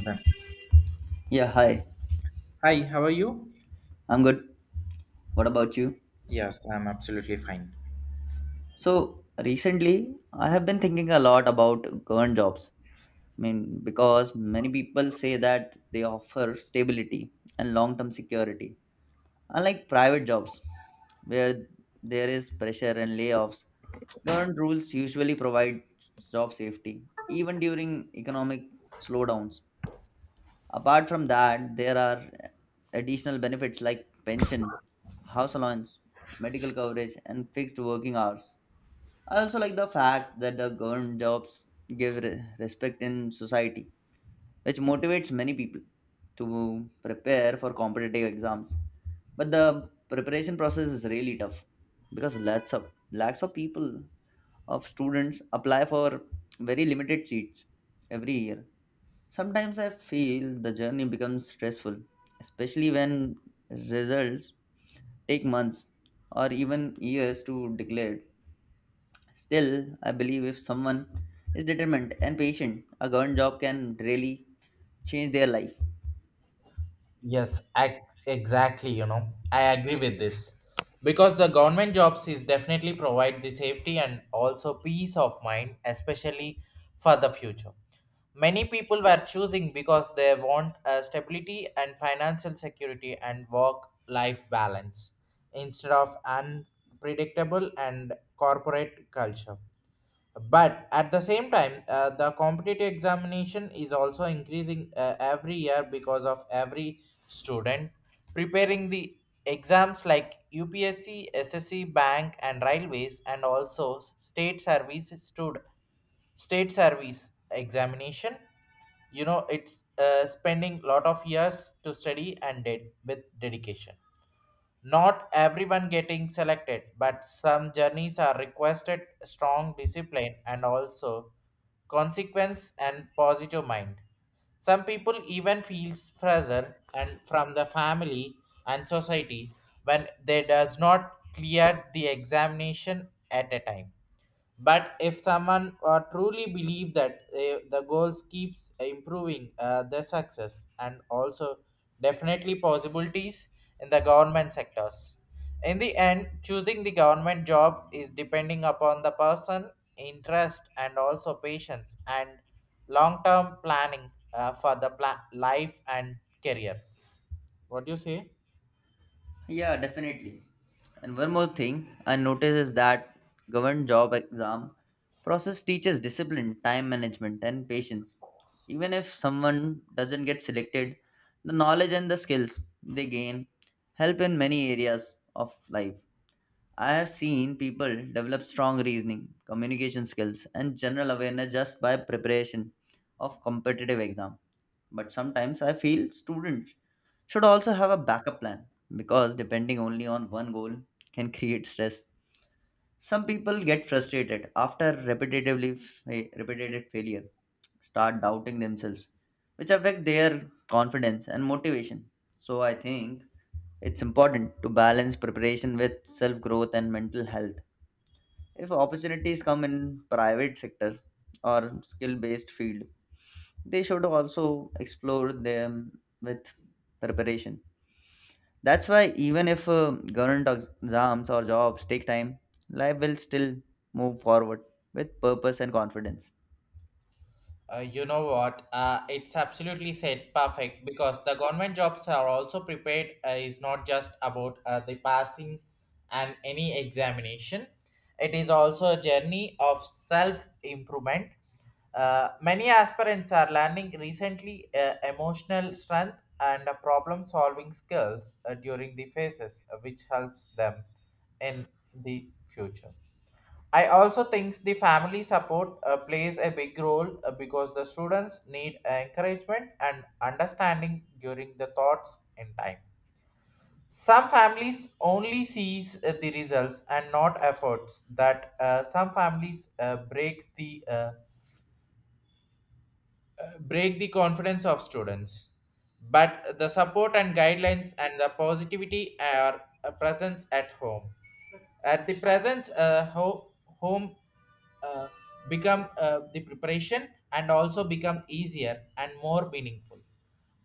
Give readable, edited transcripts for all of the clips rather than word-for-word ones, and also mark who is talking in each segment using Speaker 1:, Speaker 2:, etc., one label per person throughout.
Speaker 1: Then-
Speaker 2: Yeah, hi.
Speaker 1: Hi, how are you?
Speaker 2: I'm good. What about you?
Speaker 1: Yes, I'm absolutely fine.
Speaker 2: So, recently, I have been thinking a lot about government jobs. I mean, because many people say that they offer stability and long term security, unlike private jobs, where there is pressure and layoffs. Government rules usually provide job safety, even during economic slowdowns. Apart from that, there are additional benefits like pension, house allowance, medical coverage, and fixed working hours. I also like the fact that the government jobs give respect in society, which motivates many people to prepare for competitive exams. But the preparation process is really tough because lots of lakhs of people of students apply for very limited seats every year. Sometimes I feel the journey becomes stressful, especially when results take months or even years to declare. Still, I believe if someone is determined and patient, a government job can really change their life.
Speaker 1: Yes, ac Exactly, I agree with this. Because the government jobs is definitely provide the safety and also peace of mind, especially for the future. Many people were choosing because they want stability and financial security and work-life balance instead of unpredictable and corporate culture. But at the same time the competitive examination is also increasing every year because of every student preparing the exams like UPSC SSC bank and railways and also state service stood state service examination. It's spending lot of years to study and with dedication. Not everyone getting selected, but some journeys are requested strong discipline and also consequence and positive mind. Some people even feels pressure and from the family and society when they does not clear the examination at a time. But if someone truly believe that the goals keeps improving their success and also definitely possibilities in the government sectors. In the end, choosing the government job is depending upon the person, interest, and also patience and long-term planning for the life and career. What do you say?
Speaker 2: Yeah, definitely. And one more thing I notice is that government job exam process teaches discipline, time management, and patience. Even if someone doesn't get selected, the knowledge and the skills they gain help in many areas of life. I have seen people develop strong reasoning, communication skills, and general awareness just by preparation of competitive exam. But sometimes I feel students should also have a backup plan because depending only on one goal can create stress. Some people get frustrated after repetitive failure, start doubting themselves, which affect their confidence and motivation. So I think it's important to balance preparation with self growth and mental health. If opportunities come in private sector or skill based field, they should also explore them with preparation. That's why even if government exams or jobs take time, life will still move forward with purpose and confidence.
Speaker 1: You know what? It's absolutely said perfect because the government jobs are also prepared is not just about the passing and any examination. It is also a journey of self improvement. Many aspirants are learning recently emotional strength and problem solving skills during the phases, which helps them in the future. I also think the family support plays a big role because the students need encouragement and understanding during the thoughts in time. Some families only sees the results and not efforts. That some families breaks the break the confidence of students, but the support and guidelines and the positivity are present at home. At the presence, home uh, become the preparation and also become easier and more meaningful.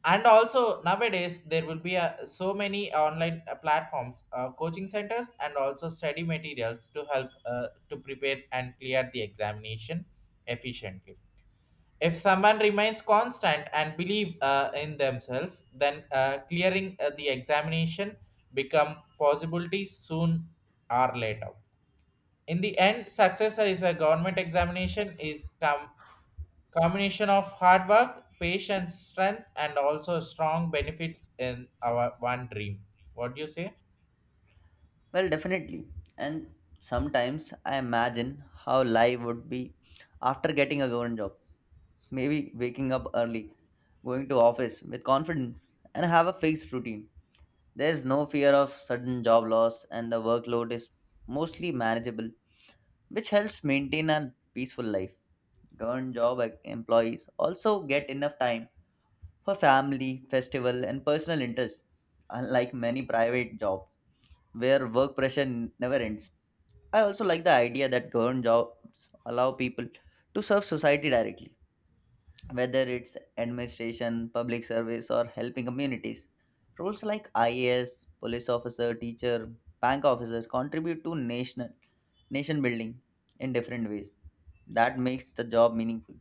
Speaker 1: And also nowadays there will be so many online platforms, coaching centers, and also study materials to help to prepare and clear the examination efficiently. If someone remains constant and believe in themselves, then clearing the examination become possibilities soon or later. In the end, success is a government examination is combination of hard work, patience, strength, and also strong benefits in our one dream. What do you say?
Speaker 2: Well, definitely. And sometimes I imagine how life would be after getting a government job. Maybe waking up early, going to office with confidence and have a fixed routine. There's no fear of sudden job loss and the workload is mostly manageable, which helps maintain a peaceful life. Government job employees also get enough time for family, festival, and personal interests, unlike many private jobs where work pressure never ends. I also like the idea that government jobs allow people to serve society directly, whether it's administration, public service, or helping communities. Roles like IAS, police officer, teacher, bank officer contribute to nation building in different ways. That makes the job meaningful.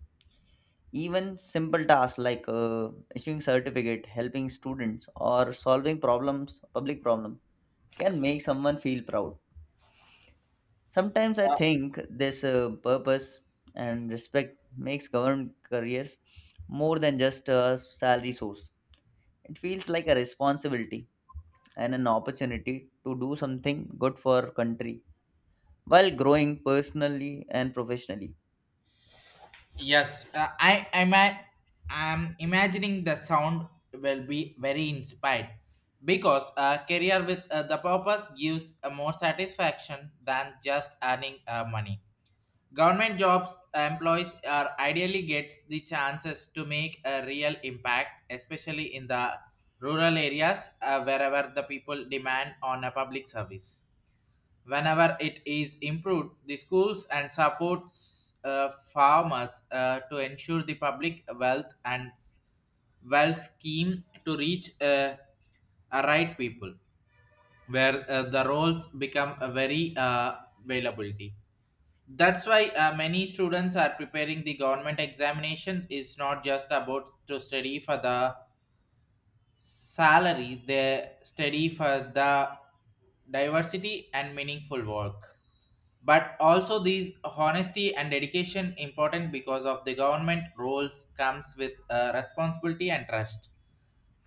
Speaker 2: Even simple tasks like issuing certificate, helping students, or solving problems, public problem, can make someone feel proud. Sometimes I
Speaker 1: Uh,
Speaker 2: think this purpose and respect makes government careers more than just a salary source. It feels like a responsibility and an opportunity to do something good for our country while growing personally and professionally.
Speaker 1: I am imagining the sound will be very inspired because a career with the purpose gives a more satisfaction than just earning money. Government jobs employees are ideally gets the chances to make a real impact, especially in the rural areas wherever the people demand on a public service. Whenever it is improved, the schools and supports farmers to ensure the public wealth and wealth scheme to reach a right people, where the roles become a very availability. That's why many students are preparing the government examinations. Is not just about to study for the salary, they study for the diversity and meaningful work. But also these honesty and dedication important because of the government roles comes with responsibility and trust.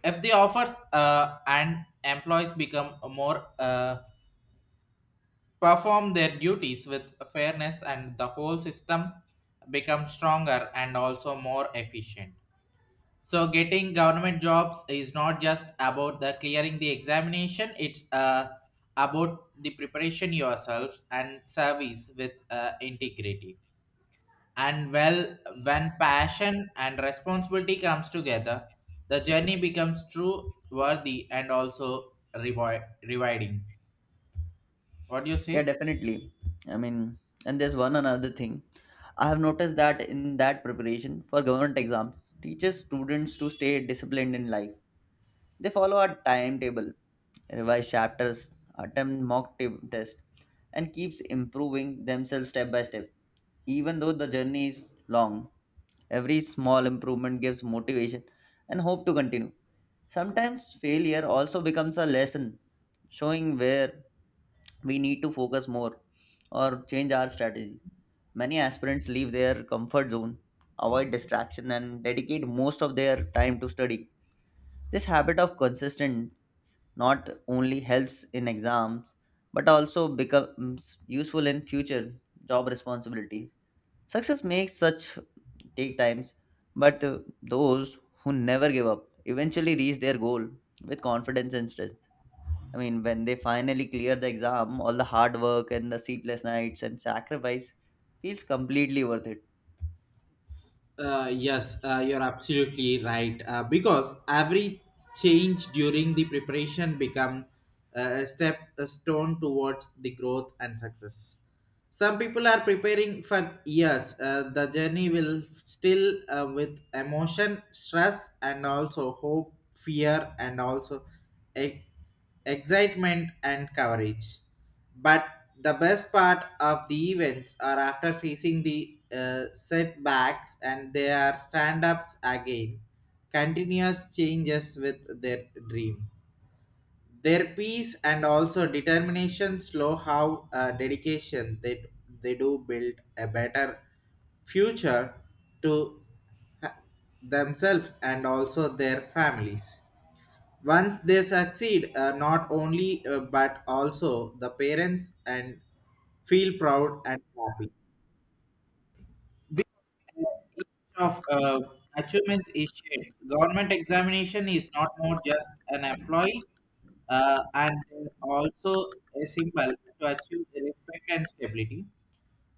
Speaker 1: If the offers and employees become more perform their duties with fairness and the whole system becomes stronger and also more efficient. So getting government jobs is not just about the clearing the examination. It's about the preparation yourself and service with integrity and well, when passion and responsibility comes together, the journey becomes true worthy and also reward rewarding. What do you
Speaker 2: Yeah,
Speaker 1: say?
Speaker 2: definitely. I mean, and there's one another thing. I have noticed that in that preparation for government exams, teaches students to stay disciplined in life. They follow a timetable, revise chapters, attempt mock tests, and keeps improving themselves step by step. Even though the journey is long, every small improvement gives motivation and hope to continue. Sometimes failure also becomes a lesson, showing where we need to focus more or change our strategy. Many aspirants leave their comfort zone, avoid distraction, and dedicate most of their time to study. This habit of consistent not only helps in exams but also becomes useful in future job responsibility. Success makes such take times, but those who never give up eventually reach their goal with confidence and strength. I mean, when they finally clear the exam, all the hard work and the sleepless nights and sacrifice feels completely worth it.
Speaker 1: Yes, you're absolutely right. Because every change during the preparation become a step, a stone towards the growth and success. Some people are preparing for years. The journey will still with emotion, stress, and also hope, fear, and also e- excitement and courage. But the best part of the events are after facing the setbacks and they are stand ups again, continuous changes with their dream. Their peace and also determination slow how dedication they do build a better future to ha- themselves and also their families. Once they succeed, not only but also the parents and feel proud and happy. This image of achievements is shared. Government examination is not more just an employee and also a symbol to achieve the respect and stability.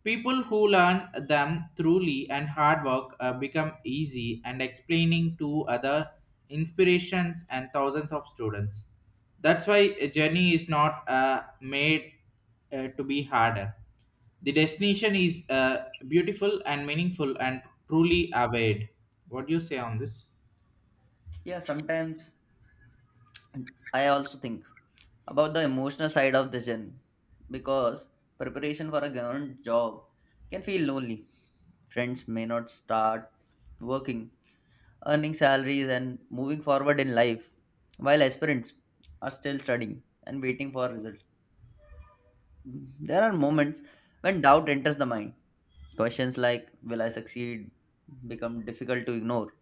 Speaker 1: People who learn them truly and hard work become easy and explaining to other inspirations and thousands of students. That's why a journey is not made to be harder. The destination is beautiful and meaningful and truly awaited. What do you say on this?
Speaker 2: Yeah, sometimes I also think about the emotional side of this journey because preparation for a government job can feel lonely. Friends may not start working, earning salaries, and moving forward in life while aspirants are still studying and waiting for results. There are moments when doubt enters the mind. Questions like, "Will I succeed?" become difficult to ignore.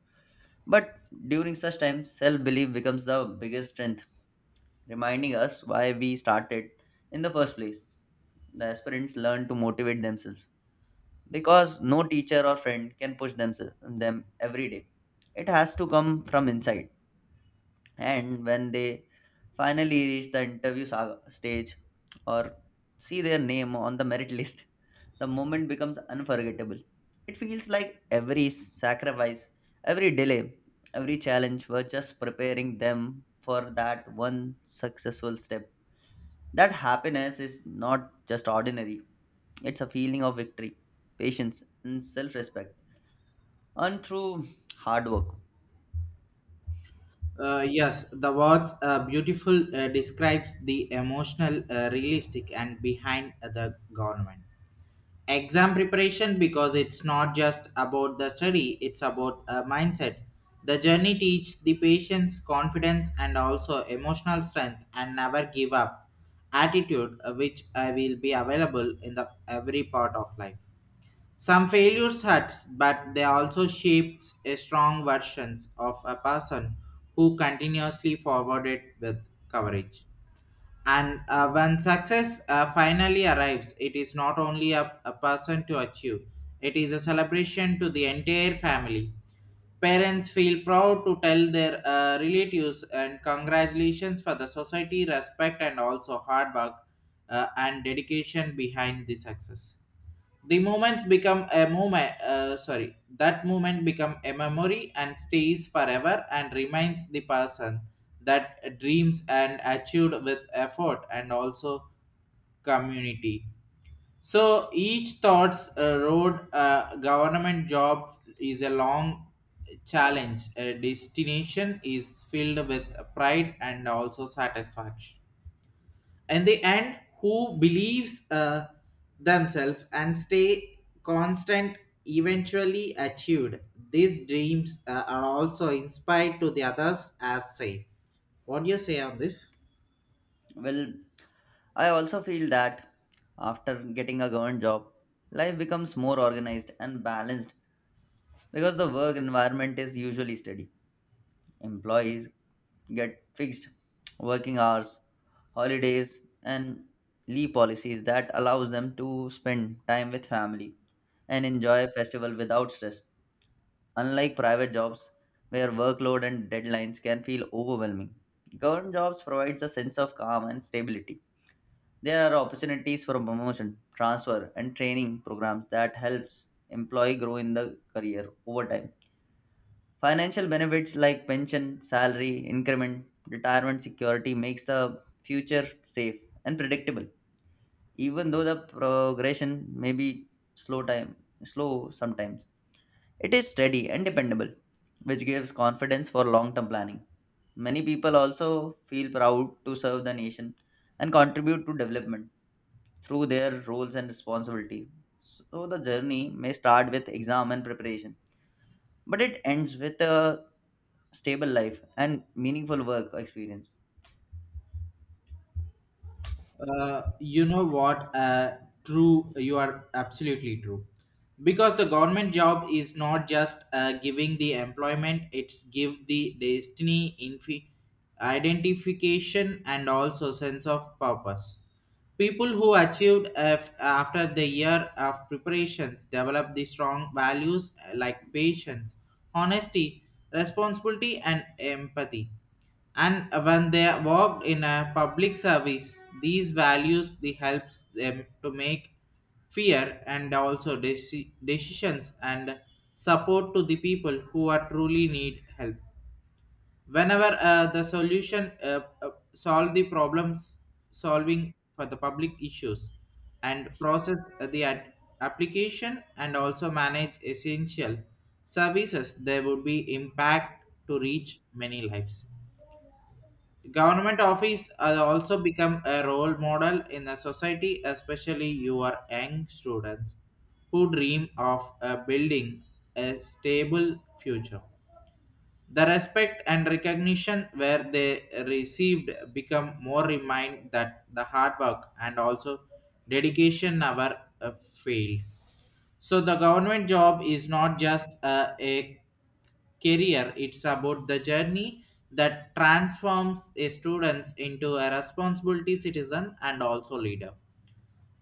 Speaker 2: But during such times, self belief becomes the biggest strength reminding us why we started in the first place. The aspirants learn to motivate themselves because no teacher or friend can push themselves them every day. It has to come from inside. And when they finally reach the interview saga stage or see their name on the merit list, the moment becomes unforgettable. It feels like every sacrifice, every delay, every challenge were just preparing them for that one successful step. That happiness is not just ordinary, it's a feeling of victory, patience, and self respect, and through hard work.
Speaker 1: Yes, the words beautiful describes the emotional, realistic, and behind the government exam preparation because it's not just about the study, it's about a mindset. The journey teaches the patience, confidence, and also emotional strength and never give up attitude, which I will be available in the every part of life. Some failures hurts, but they also shapes a strong versions of a person who continuously forwarded with courage. And when success finally arrives, it is not only a person to achieve, it is a celebration to the entire family. Parents feel proud to tell their relatives and congratulations for the society, respect, and also hard work and dedication behind the success. The moments become a moment. Sorry, That moment become a memory and stays forever and reminds the person that dreams and achieved with effort and also community. So each thought's road government job is a long challenge. A destination is filled with pride and also satisfaction in the end. Who believes themselves and stay constant eventually achieved these dreams are also inspired to the others as say. What do you say on this?
Speaker 2: Well, I also feel that after getting a government job, life becomes more organized and balanced because the work environment is usually steady. Employees get fixed working hours, holidays, and leave policies that allows them to spend time with family and enjoy festival without stress, unlike private jobs where workload and deadlines can feel overwhelming. Government jobs provides a sense of calm and stability. There are opportunities for promotion, transfer and training programs that helps employee grow in the career over time. Financial benefits like pension, salary, increment, retirement security makes the future safe and predictable. Even though the progression may be slow time slow sometimes, it is steady and dependable, which gives confidence for long term planning. Many people also feel proud to serve the nation and contribute to development through their roles and responsibility. So the journey may start with exam and preparation, but it ends with a stable life and meaningful work experience.
Speaker 1: You know what? True, you are absolutely true. Because the government job is not just giving the employment; it's give the destiny, identification, and also sense of purpose. People who achieved after the year of preparations develop the strong values like patience, honesty, responsibility, and empathy. And when they worked in a public service, these values they helps them to make fear and also decisions and support to the people who are truly need help. Whenever the solution solve the problems, solving for the public issues and process the application and also manage essential services, there would be impact to reach many lives. Government office has also become a role model in the society, especially your young students who dream of building a stable future. The respect and recognition where they received become more remind that the hard work and also dedication never failed. So the government job is not just a career. It's about the journey that transforms a students into a responsibility citizen and also leader.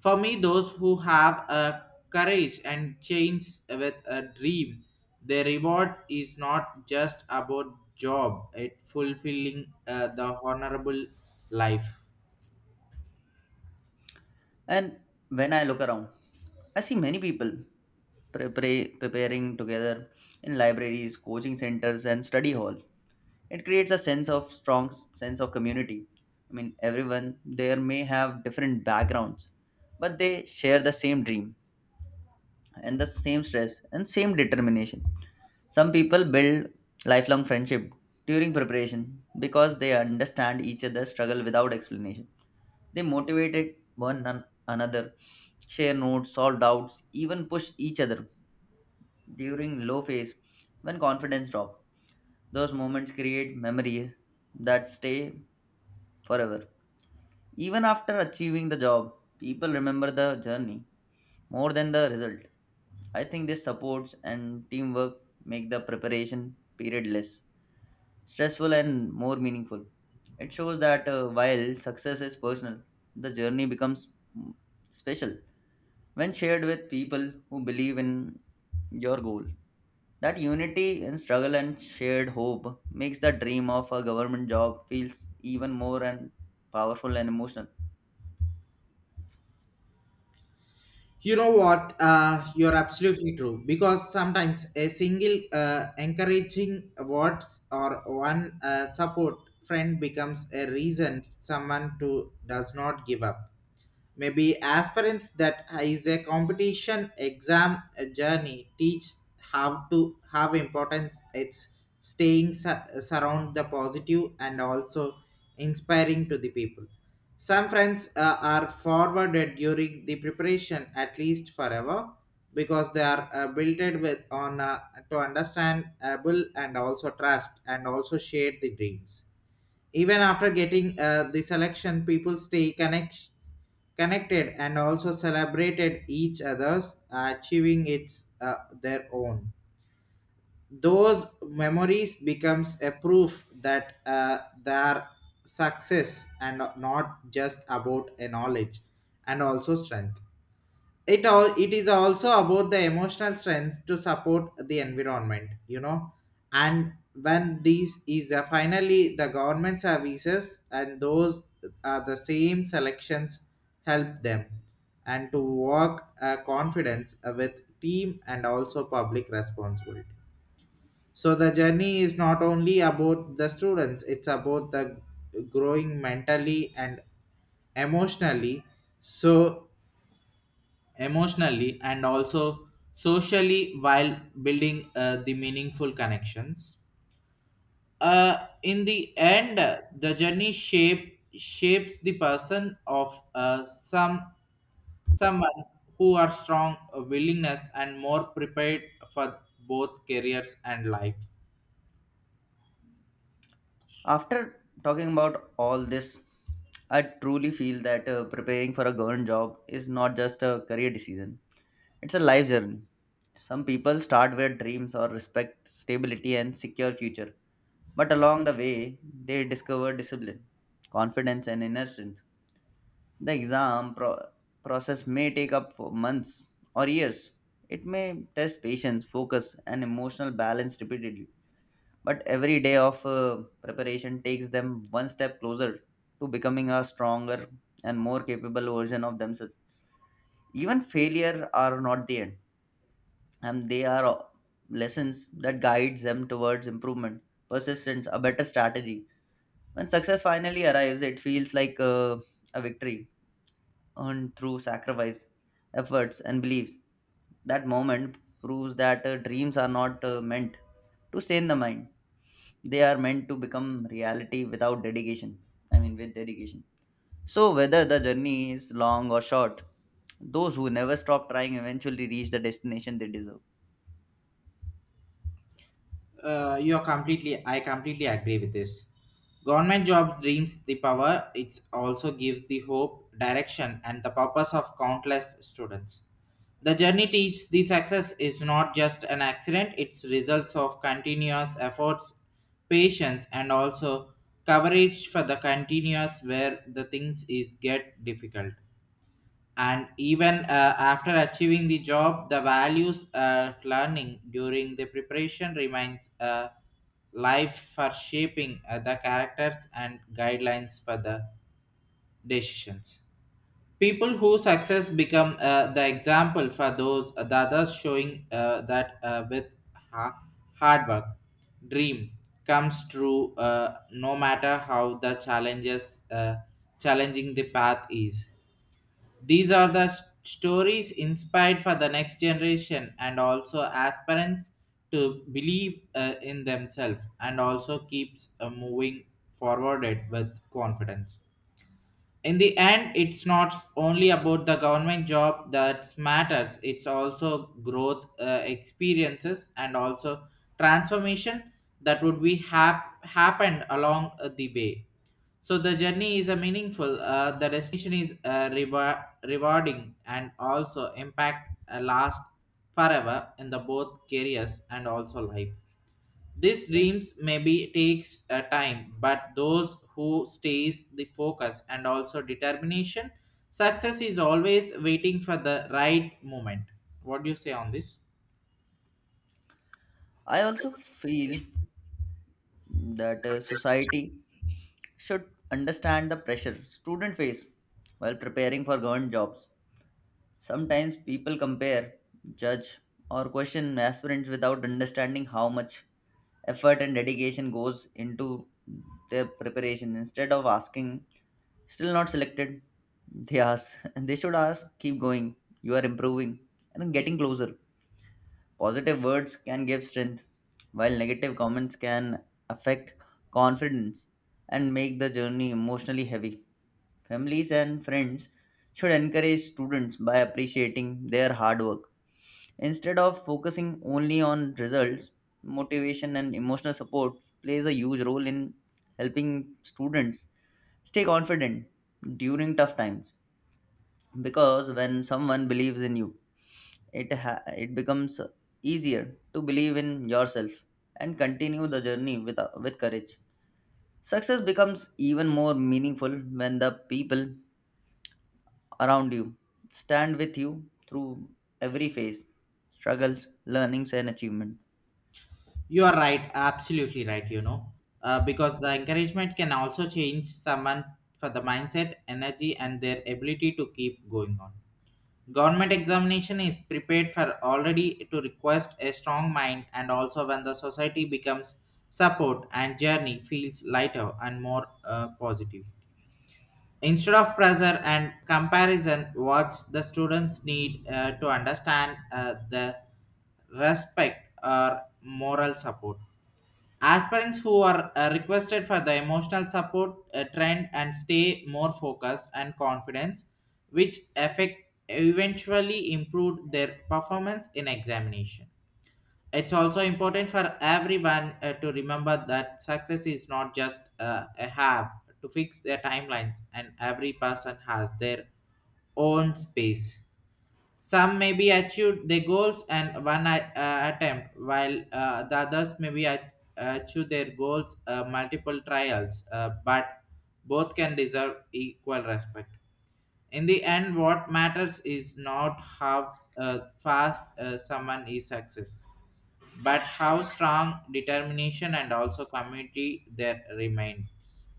Speaker 1: For me, those who have a courage and change with a dream, the reward is not just about job; it fulfilling the honorable life.
Speaker 2: And when I look around, I see many people preparing together in libraries, coaching centers, and study halls. It creates a sense of community. I mean, everyone there may have different backgrounds, but they share the same dream and the same stress and same determination. Some people build lifelong friendship during preparation because they understand each other's struggle without explanation. They motivated another, share notes, solve doubts, even push each other during low phase when confidence drops. Those moments create memories that stay forever. Even after achieving the job, people remember the journey more than the result. I think this supports and teamwork make the preparation period less stressful and more meaningful. It shows that while success is personal, the journey becomes mm, special when shared with people who believe in your goal. That unity in struggle and shared hope makes the dream of a government job feels even more and powerful and emotional.
Speaker 1: You know what? You're absolutely true. Because sometimes a single encouraging words or one support friend becomes a reason someone to does not give up. Maybe aspirants that is a competition exam journey teach how to have importance. It's staying surround the positive and also inspiring to the people. Some friends are forwarded during the preparation at least forever because they are built with on to understand able and also trust and also share the dreams. Even after getting the selection, people stay connected and also celebrated each other's achieving its their own. Those memories becomes a proof that their success and not just about a knowledge and also strength. It all, it is also about the emotional strength to support the environment, you know. And when these is finally the government services and those are the same selections help them and to work confidence with team and also public responsibility. So the journey is not only about the students, it's about the growing mentally and emotionally. So emotionally and also socially while building the meaningful connections. In the end, the journey shapes the person of uh, some someone who are strong willingness and more prepared for both careers and life.
Speaker 2: After talking about all this, I truly feel that preparing for a government job is not just a career decision, it's a life journey. Some people start with dreams or respect, stability, and secure future, but along the way, they discover discipline, confidence, and inner strength. The process may take up for months or years. It may test patience, focus, and emotional balance repeatedly. But every day of preparation takes them one step closer to becoming a stronger and more capable version of themselves. Even failure are not the end, and they are lessons that guides them towards improvement, persistence, a better strategy. When success finally arrives, it feels like a victory earned through sacrifice, efforts, and belief. That moment proves that dreams are not meant to stay in the mind. They are meant to become reality without dedication I mean with dedication. So whether the journey is long or short, those who never stop trying eventually reach the destination they deserve.
Speaker 1: You're completely I completely agree with this. Government jobs dreams the power. It also gives the hope, direction, and the purpose of countless students. The journey teaches the success is not just an accident, it's results of continuous efforts, patience, and also coverage for the continuous where the things is get difficult. And even after achieving the job, the values of learning during the preparation remains a life for shaping the characters and guidelines for the decisions. People whose success become the example for those the others, showing that with ha- hard work, dream comes true, no matter how the challenges challenging the path is. These are the stories inspired for the next generation and also aspirants to believe in themselves and also keeps moving forwarded with confidence. In the end, it's not only about the government job that matters, it's also growth, experiences and also transformation that would be happened along the way. So the journey is a meaningful, the destination is rewarding and also impact last forever in the both careers and also life. These dreams maybe takes a time, but those who stays the focus and also determination, success is always waiting for the right moment. What do you say on this?
Speaker 2: I also feel that society should understand the pressure student face while preparing for government jobs. Sometimes people compare, judge, or question aspirants without understanding how much effort and dedication goes into their preparation. Instead of asking, "Still not selected?" they ask. They should ask, "Keep going. You are improving and getting closer." Positive words can give strength, while negative comments can affect confidence and make the journey emotionally heavy. Families and friends should encourage students by appreciating their hard work. Instead of focusing only on results, motivation and emotional support plays a huge role in helping students stay confident during tough times, because when someone believes in you, it becomes easier to believe in yourself and continue the journey with courage. Success becomes even more meaningful when the people around you stand with you through every phase, struggles, learnings and achievement.
Speaker 1: You are right, absolutely right. You know, because the encouragement can also change someone for the mindset, energy, and their ability to keep going on. Government examination is prepared for already to request a strong mind, and also when the society becomes support and journey feels lighter and more positive. Instead of pressure and comparison, what the students need to understand the respect or moral support. Aspirants who are requested for the emotional support trend and stay more focused and confidence, which affect eventually improved their performance in examination. It's also important for everyone to remember that success is not just a have to fix their timelines, and every person has their own space. Some may be achieved their goals and one attempt, while the others may be achieve their goals multiple trials, but both can deserve equal respect. In the end, what matters is not how fast someone is success, but how strong determination and also community there remains.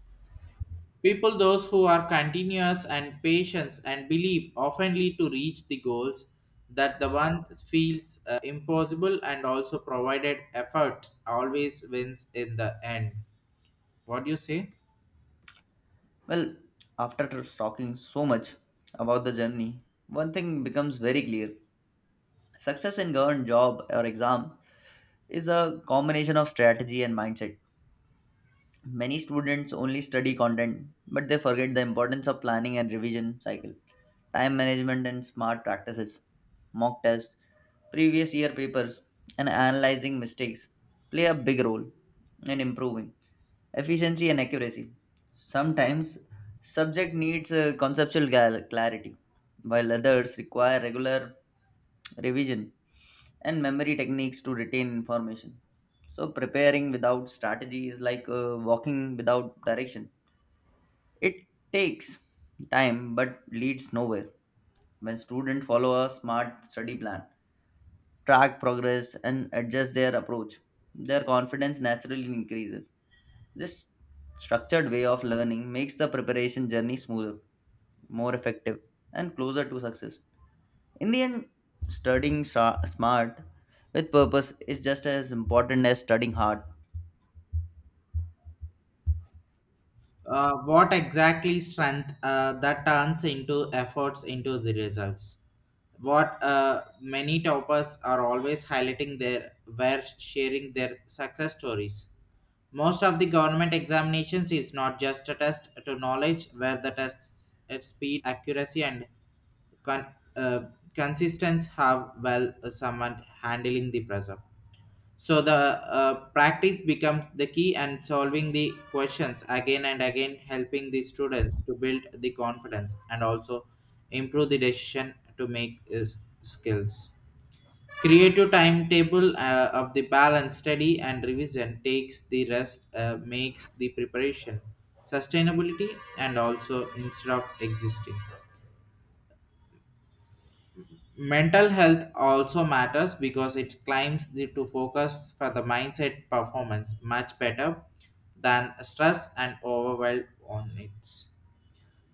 Speaker 1: People those who are continuous and patient and believe oftenly to reach the goals that the one feels impossible and also provided effort always wins in the end. What do you say?
Speaker 2: Well, after talking so much about the journey, one thing becomes very clear: success in government job or exam is a combination of strategy and mindset. Many students only study content, but they forget the importance of planning and revision cycle, time management and smart practices. Mock tests, previous year papers, and analyzing mistakes play a big role in improving efficiency and accuracy. Sometimes subject needs clarity, while others require regular revision and memory techniques to retain information. So, preparing without strategy is like walking without direction. It takes time but leads nowhere. When students follow a smart study plan, track progress, and adjust their approach, their confidence naturally increases. This structured way of learning makes the preparation journey smoother, more effective, and closer to success. In the end, smart with purpose is just as important as studying hard.
Speaker 1: What exactly strength that turns into efforts into the results? What many toppers are always highlighting their were sharing their success stories. Most of the government examinations is not just a test to knowledge, where the tests at speed, accuracy, and con- uh, consistency have well someone handling the pressure. So the practice becomes the key and solving the questions again and again, helping the students to build the confidence and also improve the decision to make skills. Creative timetable of the balance study and revision takes the rest, makes the preparation sustainability and also instead of existing. Mental health also matters because it climbs the, to focus for the mindset performance much better than stress and overwhelm on it.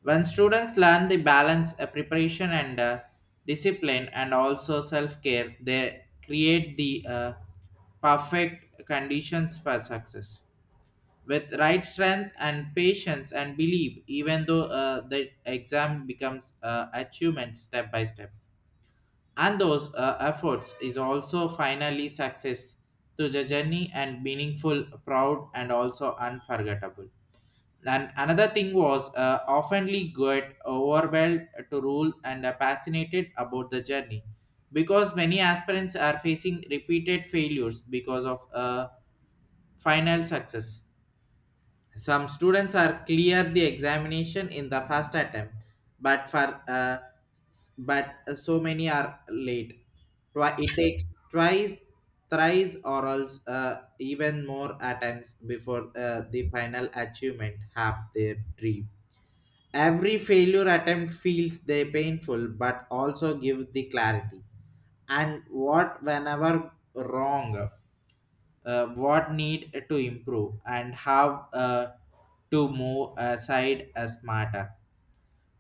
Speaker 1: When students learn the balance of preparation and discipline and also self-care, they create the perfect conditions for success. With right strength and patience and belief, even though the exam becomes achievement step by step. And those efforts is also finally success to the journey and meaningful, proud and also unforgettable. And another thing was oftenly get overwhelmed to rule and fascinated about the journey because many aspirants are facing repeated failures because of final success. Some students are clear the examination in the first attempt, but for but so many are late. It takes twice, thrice, or else even more attempts before the final achievement have their dream. Every failure attempt feels they painful but also give the clarity. And what whenever wrong, what need to improve and how to move aside as smarter.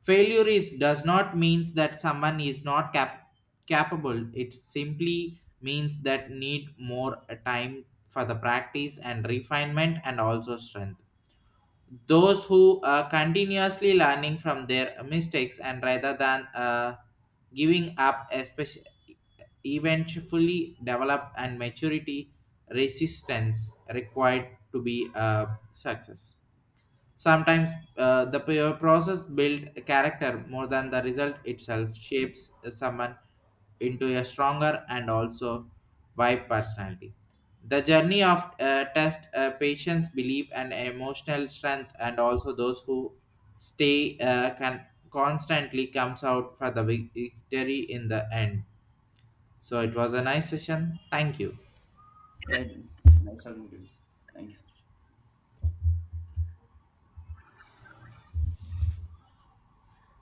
Speaker 1: Failure is does not means that someone is not capable. It simply means that need more time for the practice and refinement and also strength those who are continuously learning from their mistakes and rather than giving up especially eventually develop and maturity resistance required to be a success. Sometimes process build a character more than the result itself shapes someone into a stronger and also wide personality. The journey of test patience, belief, and emotional strength, and also those who stay can constantly comes out for the victory in the end. So it was a nice session. Thank you.
Speaker 2: Yeah, nice talking to you. Thank you so much.